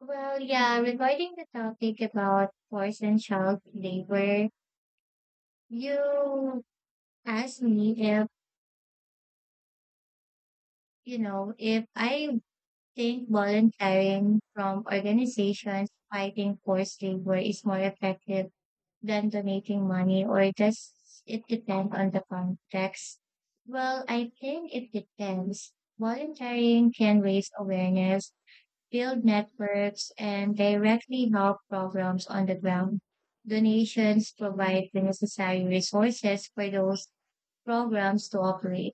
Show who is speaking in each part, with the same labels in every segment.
Speaker 1: Well, yeah, regarding the topic about forced and child labor, you asked me if, if I think volunteering from organizations fighting forced labor is more effective than donating money, or does it depend on the context? Well, I think it depends. Volunteering can raise awareness, build networks, and directly help programs on the ground. Donations provide the necessary resources for those programs to operate.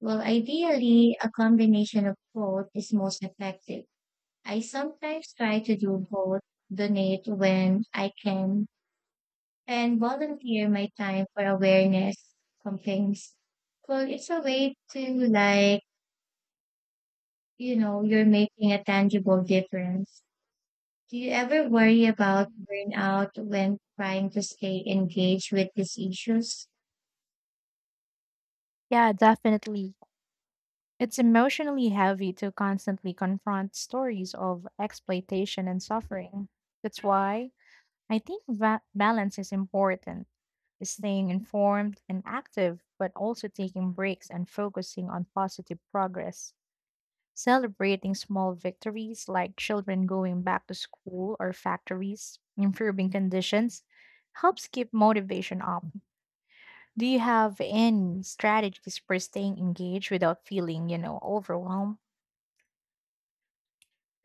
Speaker 1: Well, ideally, a combination of both is most effective. I sometimes try to do both, donate when I can, and volunteer my time for awareness campaigns. Well, it's a way to like, you're making a tangible difference. Do you ever worry about burnout when trying to stay engaged with these issues?
Speaker 2: Yeah, definitely. It's emotionally heavy to constantly confront stories of exploitation and suffering. That's why I think balance is important, staying informed and active, but also taking breaks and focusing on positive progress. Celebrating small victories like children going back to school or factories, improving conditions, helps keep motivation up. Do you have any strategies for staying engaged without feeling overwhelmed?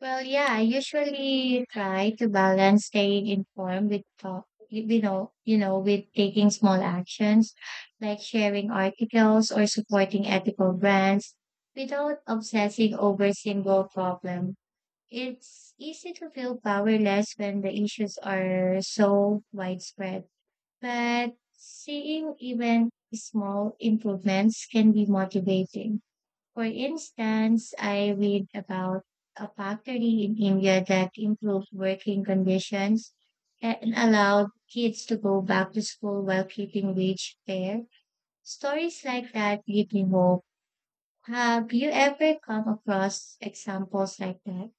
Speaker 1: Well, yeah, I usually try to balance staying informed with talk, you you know, with taking small actions like sharing articles or supporting ethical brands without obsessing over single problem. It's easy to feel powerless when the issues are so widespread. But seeing even small improvements can be motivating. For instance, I read about a factory in India that improved working conditions and allowed kids to go back to school while keeping wage fair. Stories like that give me hope. Have you ever come across examples like that?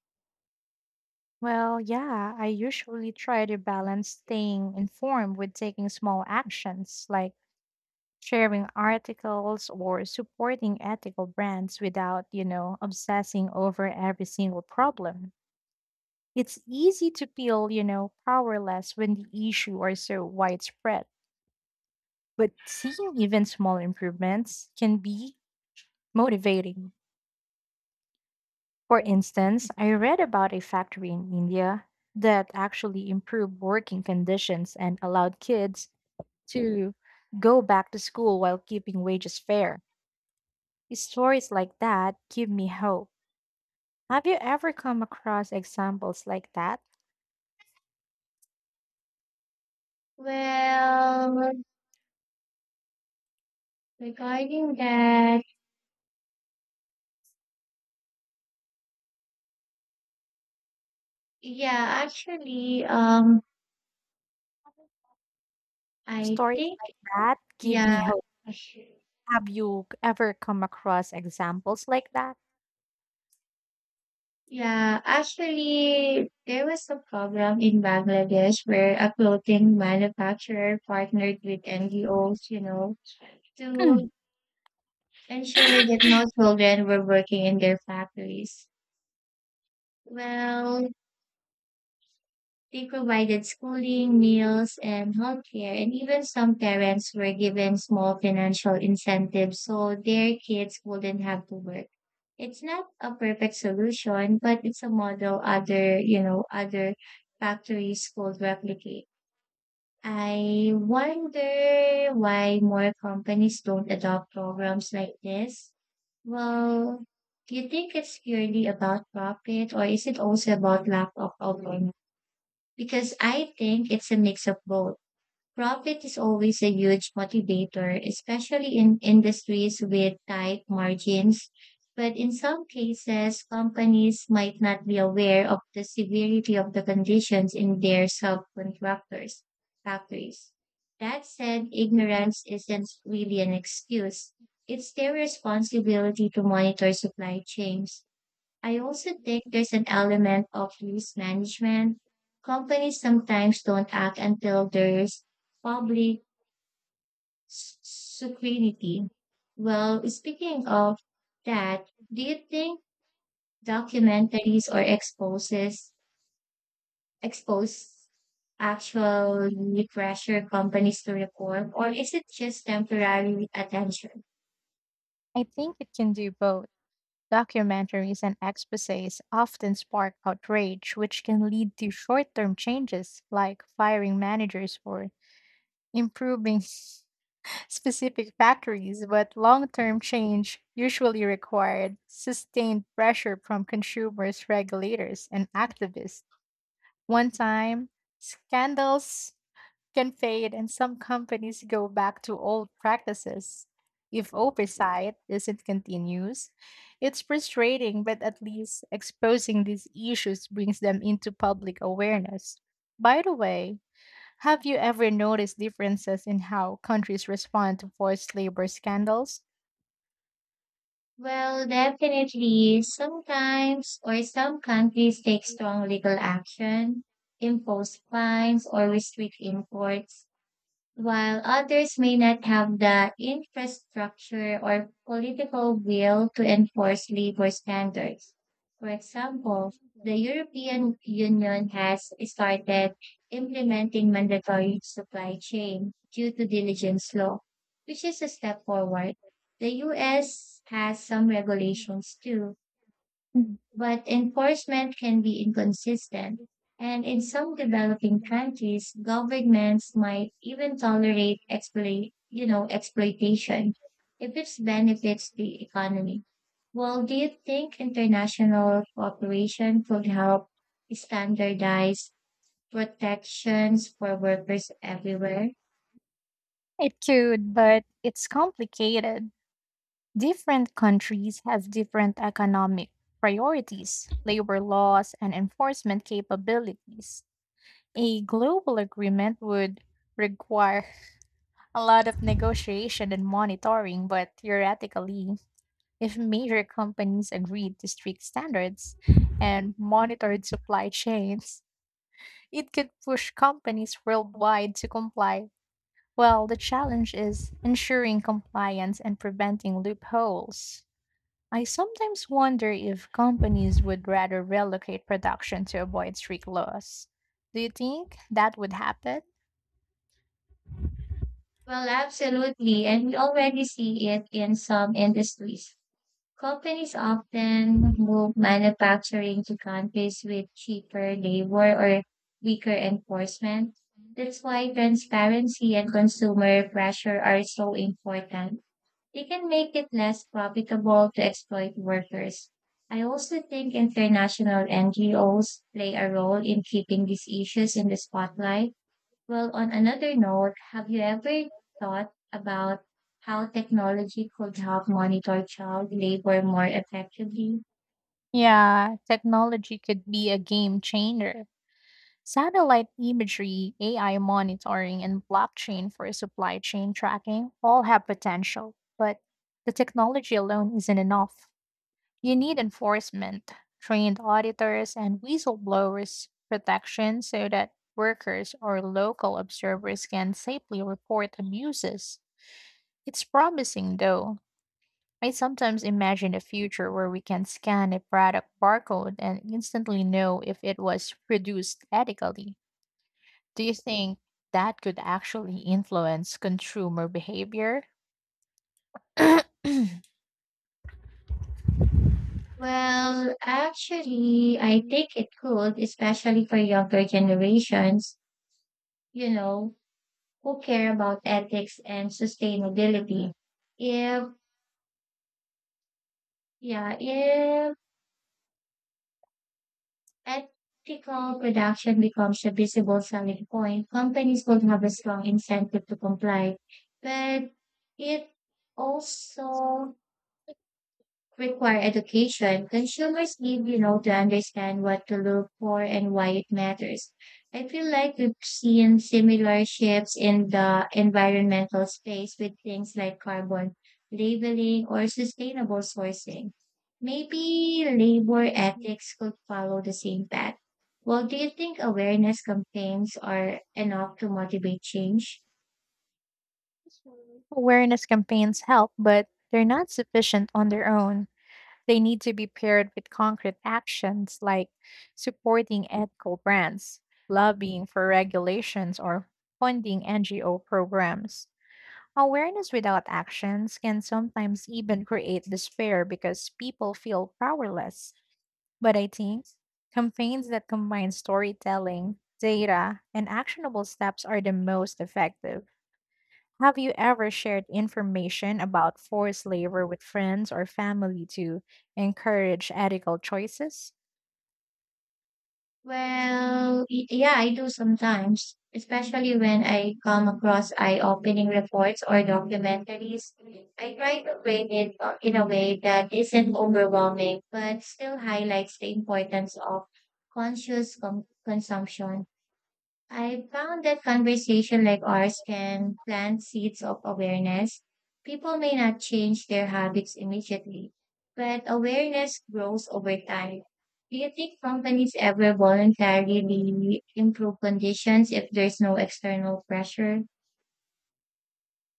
Speaker 2: Well, yeah, I usually try to balance staying informed with taking small actions like sharing articles or supporting ethical brands without obsessing over every single problem. It's easy to feel powerless when the issue are so widespread, but seeing even small improvements can be motivating. For instance, I read about a factory in India that actually improved working conditions and allowed kids to go back to school while keeping wages fair. Stories like that give me hope. Have you ever come across examples like that?
Speaker 1: Well, regarding that, yeah, actually, I
Speaker 2: Stories
Speaker 1: think
Speaker 2: like that give
Speaker 1: yeah,
Speaker 2: me hope. Have you ever come across examples like that?
Speaker 1: yeah. Actually, there was a problem in Bangladesh where a clothing manufacturer partnered with NGOs, to ensure that no children were working in their factories. Well, they provided schooling, meals, and healthcare, and even some parents were given small financial incentives so their kids wouldn't have to work. It's not a perfect solution, but it's a model other factories could replicate. I wonder why more companies don't adopt programs like this. Well, do you think it's purely about profit or is it also about lack of awareness? Because I think it's a mix of both. Profit is always a huge motivator, especially in industries with tight margins. But in some cases, companies might not be aware of the severity of the conditions in their subcontractors' factories. That said, ignorance isn't really an excuse. It's their responsibility to monitor supply chains. I also think there's an element of risk management. Companies sometimes don't act until there's public scrutiny. Well, speaking of that, do you think documentaries or expose actually pressure companies to reform, or is it just temporary attention?
Speaker 2: I think it can do both. Documentaries and exposés often spark outrage, which can lead to short term changes like firing managers or improving specific factories, but long term change usually required sustained pressure from consumers, regulators, and activists. One time, scandals can fade and some companies go back to old practices. If oversight isn't continuous, it's frustrating, but at least exposing these issues brings them into public awareness. By the way, have you ever noticed differences in how countries respond to forced labor scandals?
Speaker 1: Well, definitely. Sometimes or some countries take strong legal action, impose fines, or restrict imports. While others may not have the infrastructure or political will to enforce labor standards. For example, the European Union has started implementing mandatory supply chain due to diligence law, which is a step forward. The US has some regulations too, but enforcement can be inconsistent. And in some developing countries, governments might even tolerate exploitation if it benefits the economy. Well, do you think international cooperation could help standardize protections for workers everywhere?
Speaker 2: It could, but it's complicated. Different countries have different economic priorities, labor laws, and enforcement capabilities. A global agreement would require a lot of negotiation and monitoring, but theoretically, if major companies agreed to strict standards and monitored supply chains, it could push companies worldwide to comply. Well, the challenge is ensuring compliance and preventing loopholes. I sometimes wonder if companies would rather relocate production to avoid strict laws. Do you think that would happen?
Speaker 1: Well, absolutely. And we already see it in some industries. Companies often move manufacturing to countries with cheaper labor or weaker enforcement. That's why transparency and consumer pressure are so important. They can make it less profitable to exploit workers. I also think international NGOs play a role in keeping these issues in the spotlight. Well, on another note, have you ever thought about how technology could help monitor child labor more effectively?
Speaker 2: Yeah, technology could be a game changer. Satellite imagery, AI monitoring, and blockchain for supply chain tracking all have potential, but the technology alone isn't enough. You need enforcement, trained auditors, and whistleblowers protection so that workers or local observers can safely report abuses. It's promising though. I sometimes imagine a future where we can scan a product barcode and instantly know if it was produced ethically. Do you think that could actually influence consumer behavior?
Speaker 1: Well, actually, I think it could, especially for younger generations, you know, who care about ethics and sustainability. If, yeah, if ethical production becomes a visible selling point. Companies would have a strong incentive to comply, but it also require education, consumers need to understand what to look for and why it matters. I feel like we've seen similar shifts in the environmental space with things like carbon labeling or sustainable sourcing. Maybe labor ethics could follow the same path. Well, do you think awareness campaigns are enough to motivate change?
Speaker 2: Awareness campaigns help, but they're not sufficient on their own. They need to be paired with concrete actions like supporting ethical brands, lobbying for regulations, or funding NGO programs. Awareness without actions can sometimes even create despair because people feel powerless. But I think campaigns that combine storytelling, data, and actionable steps are the most effective. Have you ever shared information about forced labor with friends or family to encourage ethical choices?
Speaker 1: Well, yeah, I do sometimes, especially when I come across eye-opening reports or documentaries. I try to frame it in a way that isn't overwhelming, but still highlights the importance of conscious consumption. I found that conversation like ours can plant seeds of awareness. People may not change their habits immediately, but awareness grows over time. Do you think companies ever voluntarily improve conditions if there's no external pressure?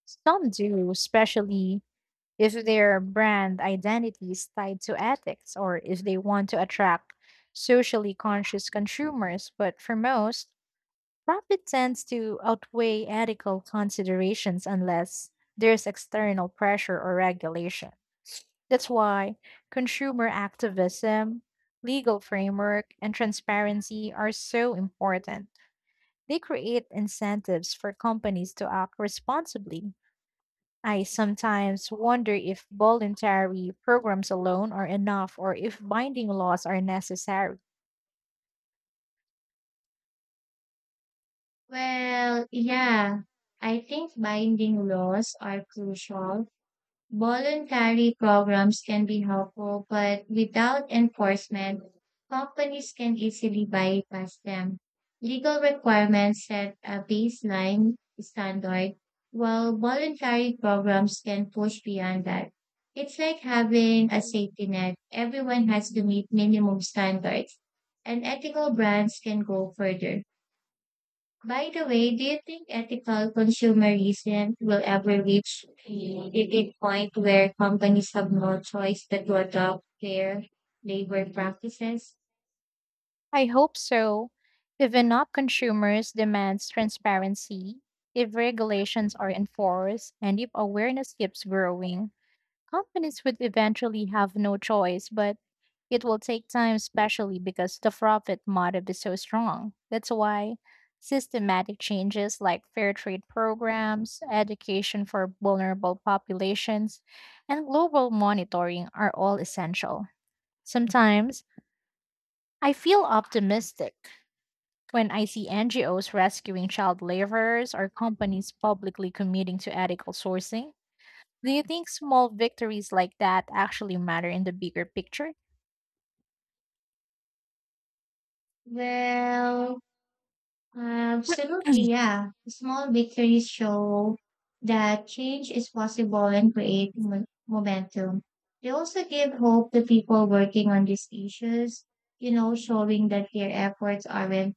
Speaker 2: Some do, especially if their brand identity is tied to ethics or if they want to attract socially conscious consumers. But for most, profit tends to outweigh ethical considerations unless there's external pressure or regulation. That's why consumer activism, legal framework, and transparency are so important. They create incentives for companies to act responsibly. I sometimes wonder if voluntary programs alone are enough or if binding laws are necessary.
Speaker 1: Well, yeah, I think binding laws are crucial. Voluntary programs can be helpful, but without enforcement, companies can easily bypass them. Legal requirements set a baseline standard, while voluntary programs can push beyond that. It's like having a safety net. Everyone has to meet minimum standards, and ethical brands can go further. By the way, do you think ethical consumerism will ever reach a tipping point where companies have no choice but to adopt fair labor practices?
Speaker 2: I hope so. If enough consumers demands transparency. If regulations are enforced and if awareness keeps growing, companies would eventually have no choice, but it will take time, especially because the profit motive is so strong. That's why systematic changes like fair trade programs, education for vulnerable populations, and global monitoring are all essential. Sometimes I feel optimistic when I see NGOs rescuing child laborers or companies publicly committing to ethical sourcing, do you think small victories like that actually matter in the bigger picture?
Speaker 1: Well, absolutely, yeah. Small victories show that change is possible and create momentum. They also give hope to people working on these issues, showing that their efforts aren't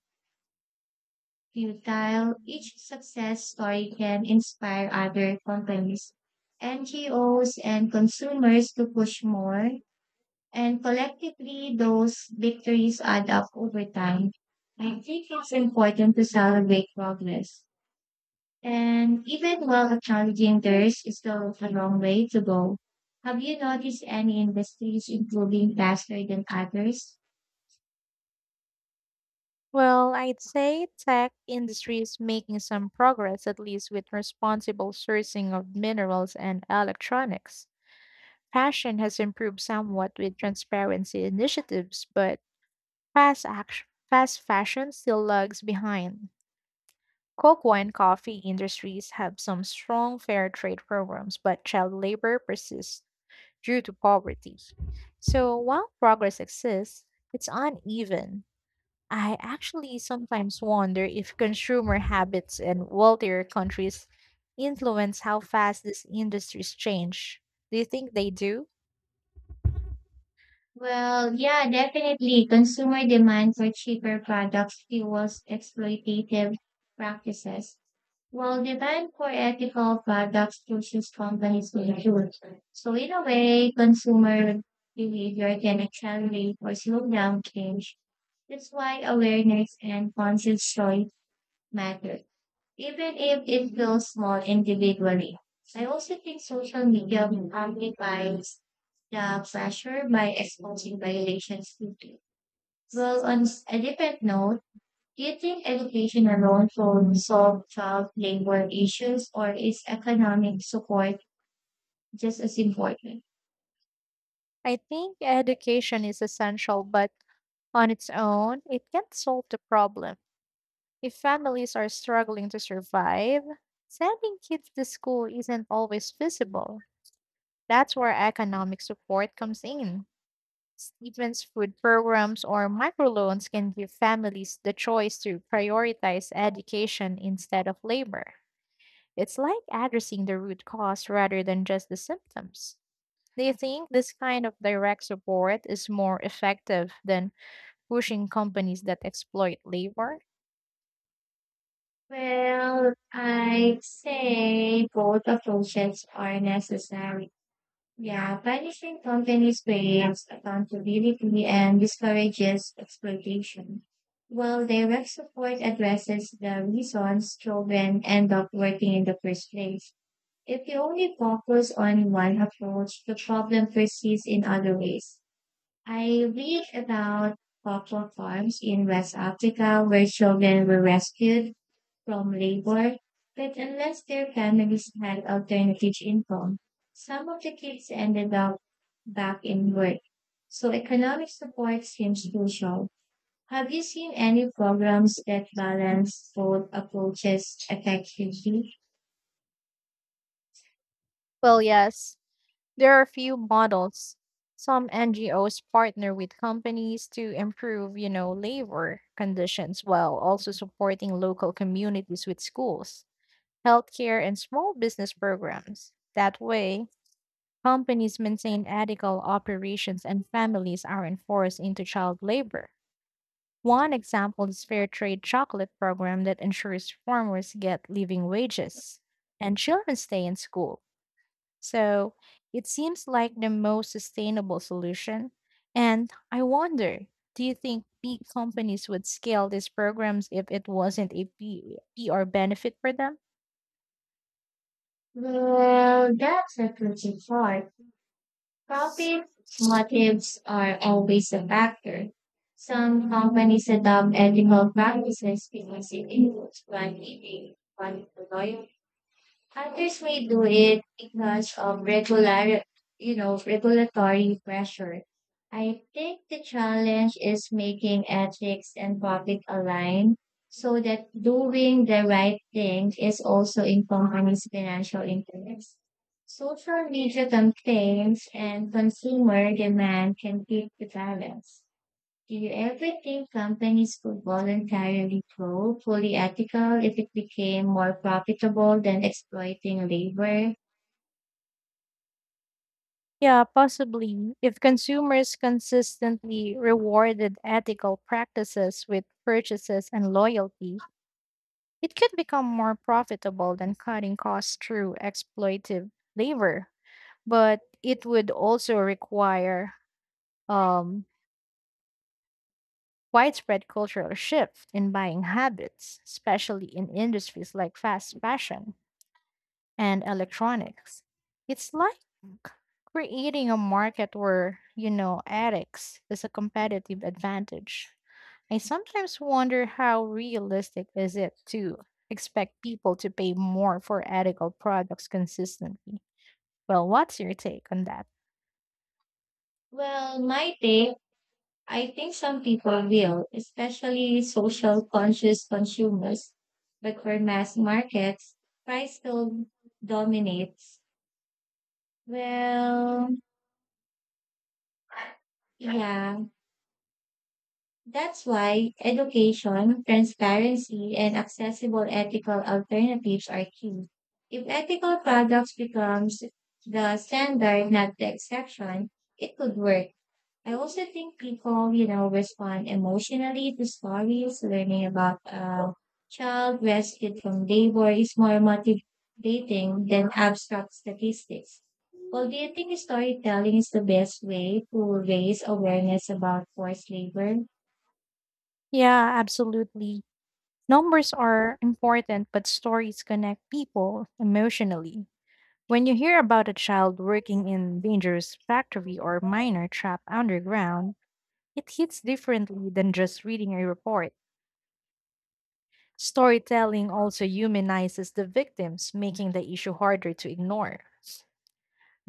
Speaker 1: futile, each success story can inspire other companies, NGOs, and consumers to push more. And collectively, those victories add up over time. I think it's important to celebrate progress. And even while acknowledging theirs is still a long way to go. Have you noticed any industries improving faster than others?
Speaker 2: Well, I'd say tech industry is making some progress, at least with responsible sourcing of minerals and electronics. Fashion has improved somewhat with transparency initiatives, but fast fashion still lags behind. Cocoa and coffee industries have some strong fair trade programs, but child labor persists due to poverty. So while progress exists, it's uneven. I actually sometimes wonder if consumer habits in wealthier countries influence how fast these industries change. Do you think they do?
Speaker 1: Well, yeah, definitely. Consumer demand for cheaper products fuels exploitative practices, while demand for ethical products pushes companies to improve. So, in a way, consumer behavior can accelerate or slow down change. That's why awareness and conscious choice matter even if it feels small individually. I also think social media amplifies the pressure by exposing violations quickly. Well, on a different note, do you think education alone can solve child labor issues or is economic support just as important?
Speaker 2: I think education is essential, but on its own, it can't solve the problem. If families are struggling to survive, sending kids to school isn't always feasible. That's where economic support comes in. Stevens food programs or microloans can give families the choice to prioritize education instead of labor. It's like addressing the root cause rather than just the symptoms. Do you think this kind of direct support is more effective than pushing companies that exploit labor?
Speaker 1: Well, I'd say both approaches are necessary. Yeah, punishing companies creates accountability and discourages exploitation, while direct support addresses the reasons children end up working in the first place. If you only focus on one approach, the problem persists in other ways. I read about cocoa farms in West Africa where children were rescued from labor, but unless their families had alternative income, some of the kids ended up back in work. So economic support seems crucial. Have you seen any programs that balance both approaches effectively?
Speaker 2: Well, yes. There are a few models. Some NGOs partner with companies to improve labor conditions while also supporting local communities with schools, healthcare, and small business programs. That way, companies maintain ethical operations and families aren't forced into child labor. One example is Fair Trade Chocolate Program that ensures farmers get living wages and children stay in school. So it seems like the most sustainable solution. And I wonder, do you think big companies would scale these programs if it wasn't a PR benefit for them?
Speaker 1: Well, that's a tricky part. Profit motives are always a factor. Some companies adopt ethical practices because it includes brand loyalty, others may do it because of regulatory pressure. I think the challenge is making ethics and profit align so that doing the right thing is also in companies' financial interests. Social media
Speaker 2: Mm.
Speaker 1: campaigns and consumer demand can keep the balance. Do you ever think companies could voluntarily go fully ethical if it became more profitable than exploiting labor?
Speaker 2: Yeah, possibly. If consumers consistently rewarded ethical practices with purchases and loyalty, it could become more profitable than cutting costs through exploitive labor. But it would also require um, widespread cultural shift in buying habits, especially in industries like fast fashion and electronics. It's like creating a market where ethics is a competitive advantage. I sometimes wonder how realistic is it to expect people to pay more for ethical products consistently. Well, what's your take on that?
Speaker 1: Well, my take, I think some people will, especially social conscious consumers. But for mass markets, price still dominates. Well, yeah. That's why education, transparency, and accessible ethical alternatives are key. If ethical products becomes the standard, not the exception, it could work. I also think people, respond emotionally to stories. Learning about a child rescued from labor is more motivating than abstract statistics. Well, do you think storytelling is the best way to raise awareness about forced labor?
Speaker 2: Yeah, absolutely. Numbers are important, but stories connect people emotionally. When you hear about a child working in dangerous factory or miner trapped underground, it hits differently than just reading a report. Storytelling also humanizes the victims, making the issue harder to ignore.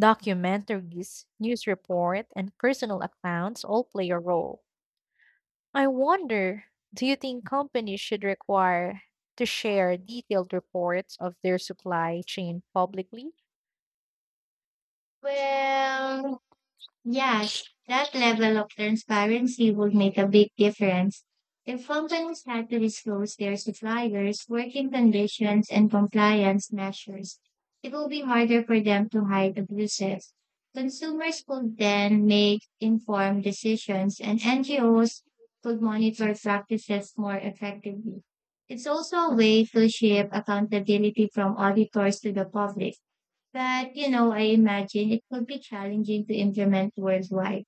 Speaker 2: Documentaries, news report, and personal accounts all play a role. I wonder, do you think companies should require to share detailed reports of their supply chain publicly?
Speaker 1: Well, yes, that level of transparency would make a big difference. If companies had to disclose their suppliers, working conditions, and compliance measures, it will be harder for them to hide abuses. Consumers could then make informed decisions, and NGOs could monitor practices more effectively. It's also a way to shift accountability from auditors to the public, but I imagine it could be challenging to implement worldwide.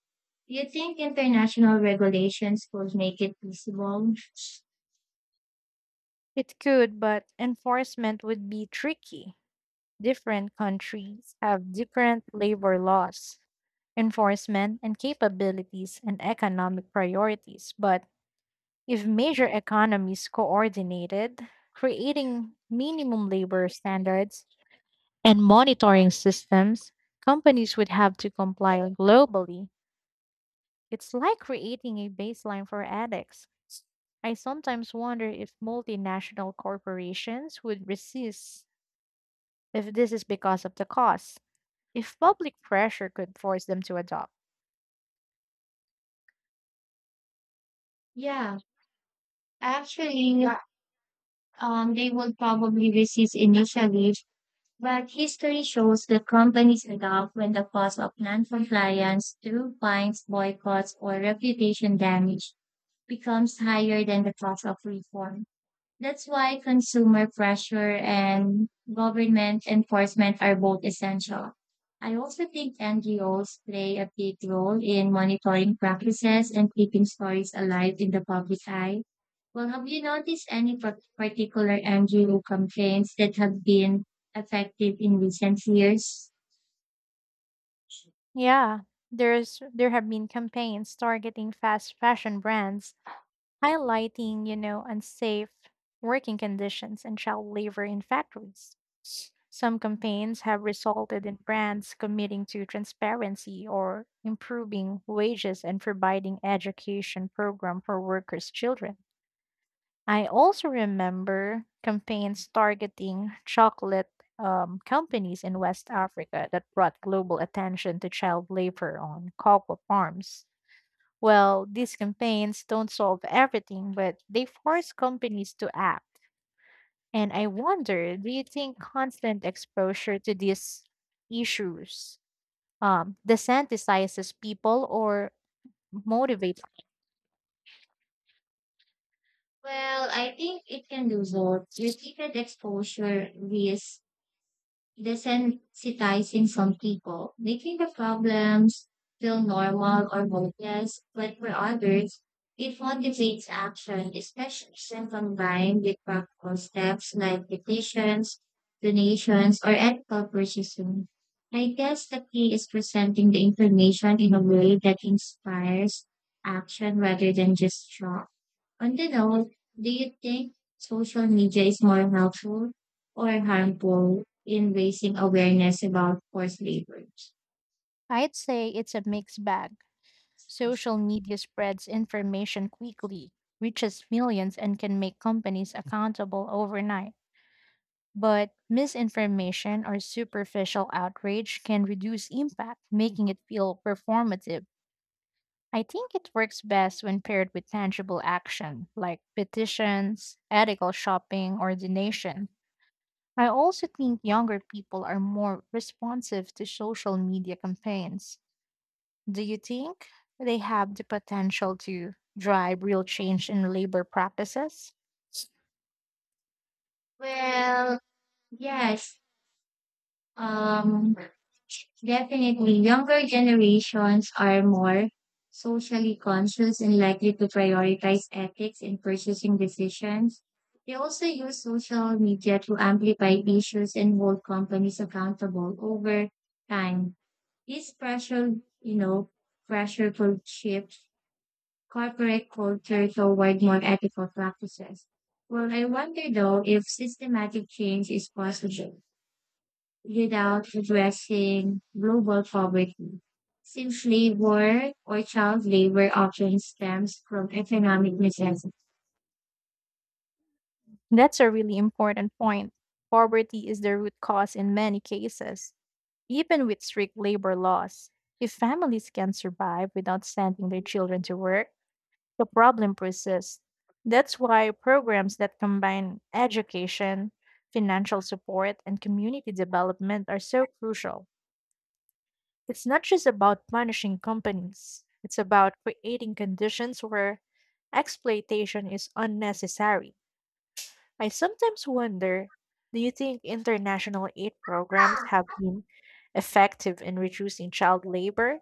Speaker 1: Do you think international regulations could make it feasible?
Speaker 2: It could, but enforcement would be tricky. Different countries have different labor laws, enforcement and capabilities and economic priorities, but if major economies coordinated, creating minimum labor standards and monitoring systems, companies would have to comply globally. It's like creating a baseline for addicts. I sometimes wonder if multinational corporations would resist if this is because of the cost, if public pressure could force them to adopt.
Speaker 1: Yeah, actually, they would probably resist initially, but history shows that companies adapt when the cost of non-compliance through fines, boycotts, or reputation damage becomes higher than the cost of reform. That's why consumer pressure and government enforcement are both essential. I also think NGOs play a big role in monitoring practices and keeping stories alive in the public eye. Well, have you noticed any particular NGO campaigns that have been effective in recent years?
Speaker 2: Yeah, there have been campaigns targeting fast fashion brands highlighting unsafe working conditions and child labor in factories. Some campaigns have resulted in brands committing to transparency or improving wages and providing education program for workers' children. I also remember campaigns targeting chocolate companies in West Africa that brought global attention to child labor on cocoa farms. Well, these campaigns don't solve everything, but they force companies to act. And I wonder, do you think constant exposure to these issues desensitizes people or motivates?
Speaker 1: Well, I think it can do both. Repeated exposure risks desensitizing some people, making the problems feel normal or hopeless, but for others, it motivates action, especially when combined with practical steps like petitions, donations, or ethical purchasing. I guess the key is presenting the information in a way that inspires action rather than just shock. On the whole, do you think social media is more helpful or harmful in raising awareness about forced labor?
Speaker 2: I'd say it's a mixed bag. Social media spreads information quickly, reaches millions, and can make companies accountable overnight. But misinformation or superficial outrage can reduce impact, making it feel performative. I think it works best when paired with tangible action like petitions, ethical shopping, or donation. I also think younger people are more responsive to social media campaigns. Do you think they have the potential to drive real change in labor practices?
Speaker 1: Well, yes. Um, Definitely, younger generations are more socially conscious and likely to prioritize ethics in purchasing decisions. They also use social media to amplify issues and hold companies accountable over time. This pressure, you know, Pressure could shift corporate culture toward more ethical practices. Well, I wonder though if systematic change is possible without addressing global poverty, since labor or child labor often stems from economic necessity.
Speaker 2: That's a really important point. Poverty is the root cause in many cases, even with strict labor laws. If families can survive without sending their children to work, the problem persists. That's why programs that combine education, financial support, and community development are so crucial. It's not just about punishing companies, it's about creating conditions where exploitation is unnecessary. I sometimes wonder, do you think international aid programs have been effective in reducing child labor?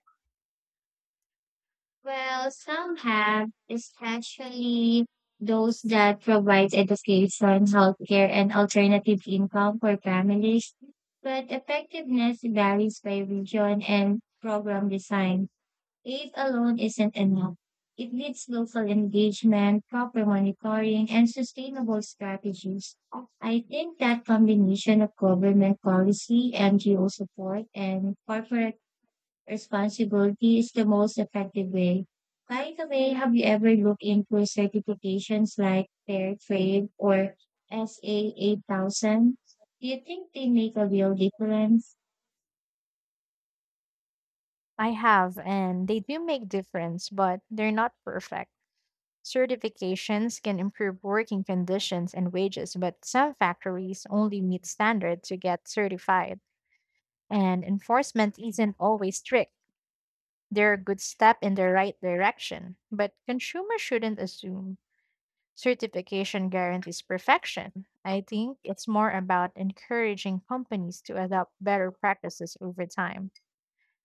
Speaker 1: Well, some have, especially those that provide education, healthcare, and alternative income for families. But effectiveness varies by region and program design. Aid alone isn't enough. It needs local engagement, proper monitoring, and sustainable strategies. I think that combination of government policy, NGO support, and corporate responsibility is the most effective way. By the way, have you ever looked into certifications like Fair Trade or SA 8000? Do you think they make a real difference?
Speaker 2: I have, and they do make difference, but they're not perfect. Certifications can improve working conditions and wages, but some factories only meet standards to get certified, and enforcement isn't always strict. They're a good step in the right direction, but consumers shouldn't assume certification guarantees perfection. I think it's more about encouraging companies to adopt better practices over time.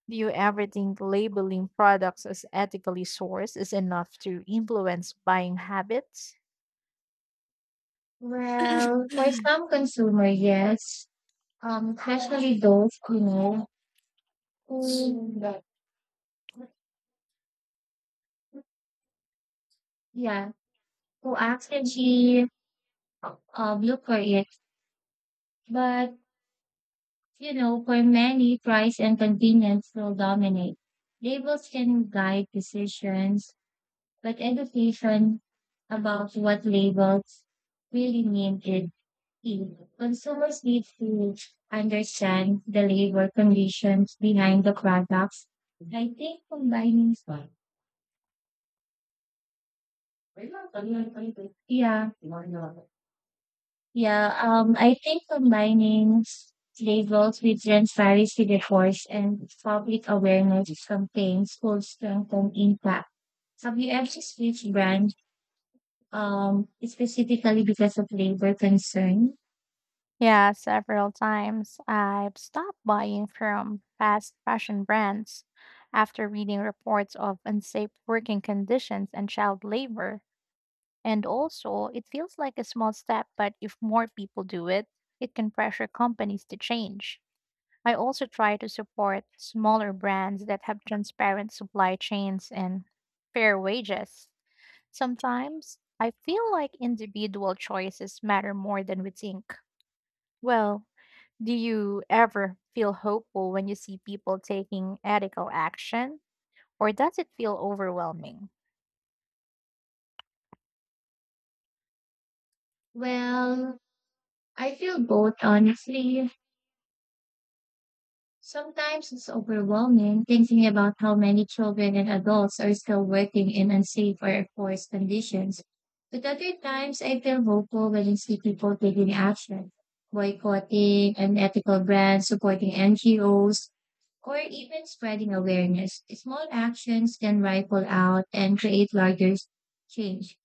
Speaker 2: Do you ever think labeling products as ethically sourced is enough to influence buying habits?
Speaker 1: Well, for some consumer, yes. Especially those who yeah who actually look for it, but you know, for many, price and convenience will dominate. Labels can guide decisions, but education about what labels really mean is key. Consumers need to understand the labor conditions behind the products. I think yeah, Yeah, I think combining labels with transparency reports and public awareness campaigns could strengthen impact. Have you ever switched brand specifically because of labor concern?
Speaker 2: Yeah, several times I've stopped buying from fast fashion brands after reading reports of unsafe working conditions and child labor. And also, it feels like a small step, but if more people do it, it can pressure companies to change. I also try to support smaller brands that have transparent supply chains and fair wages. Sometimes I feel like individual choices matter more than we think. Well, do you ever feel hopeful when you see people taking ethical action, or does it feel overwhelming?
Speaker 1: Well, I feel both, honestly. Sometimes it's overwhelming thinking about how many children and adults are still working in unsafe or forced conditions. But other times, I feel hopeful when I see people taking action, boycotting unethical brands, supporting NGOs, or even spreading awareness. Small actions can ripple out and create larger change.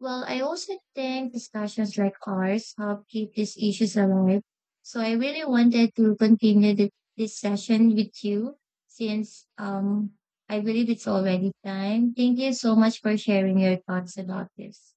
Speaker 1: Well, I also think discussions like ours help keep these issues alive. So I really wanted to continue this session with you since I believe it's already time. Thank you so much for sharing your thoughts about this.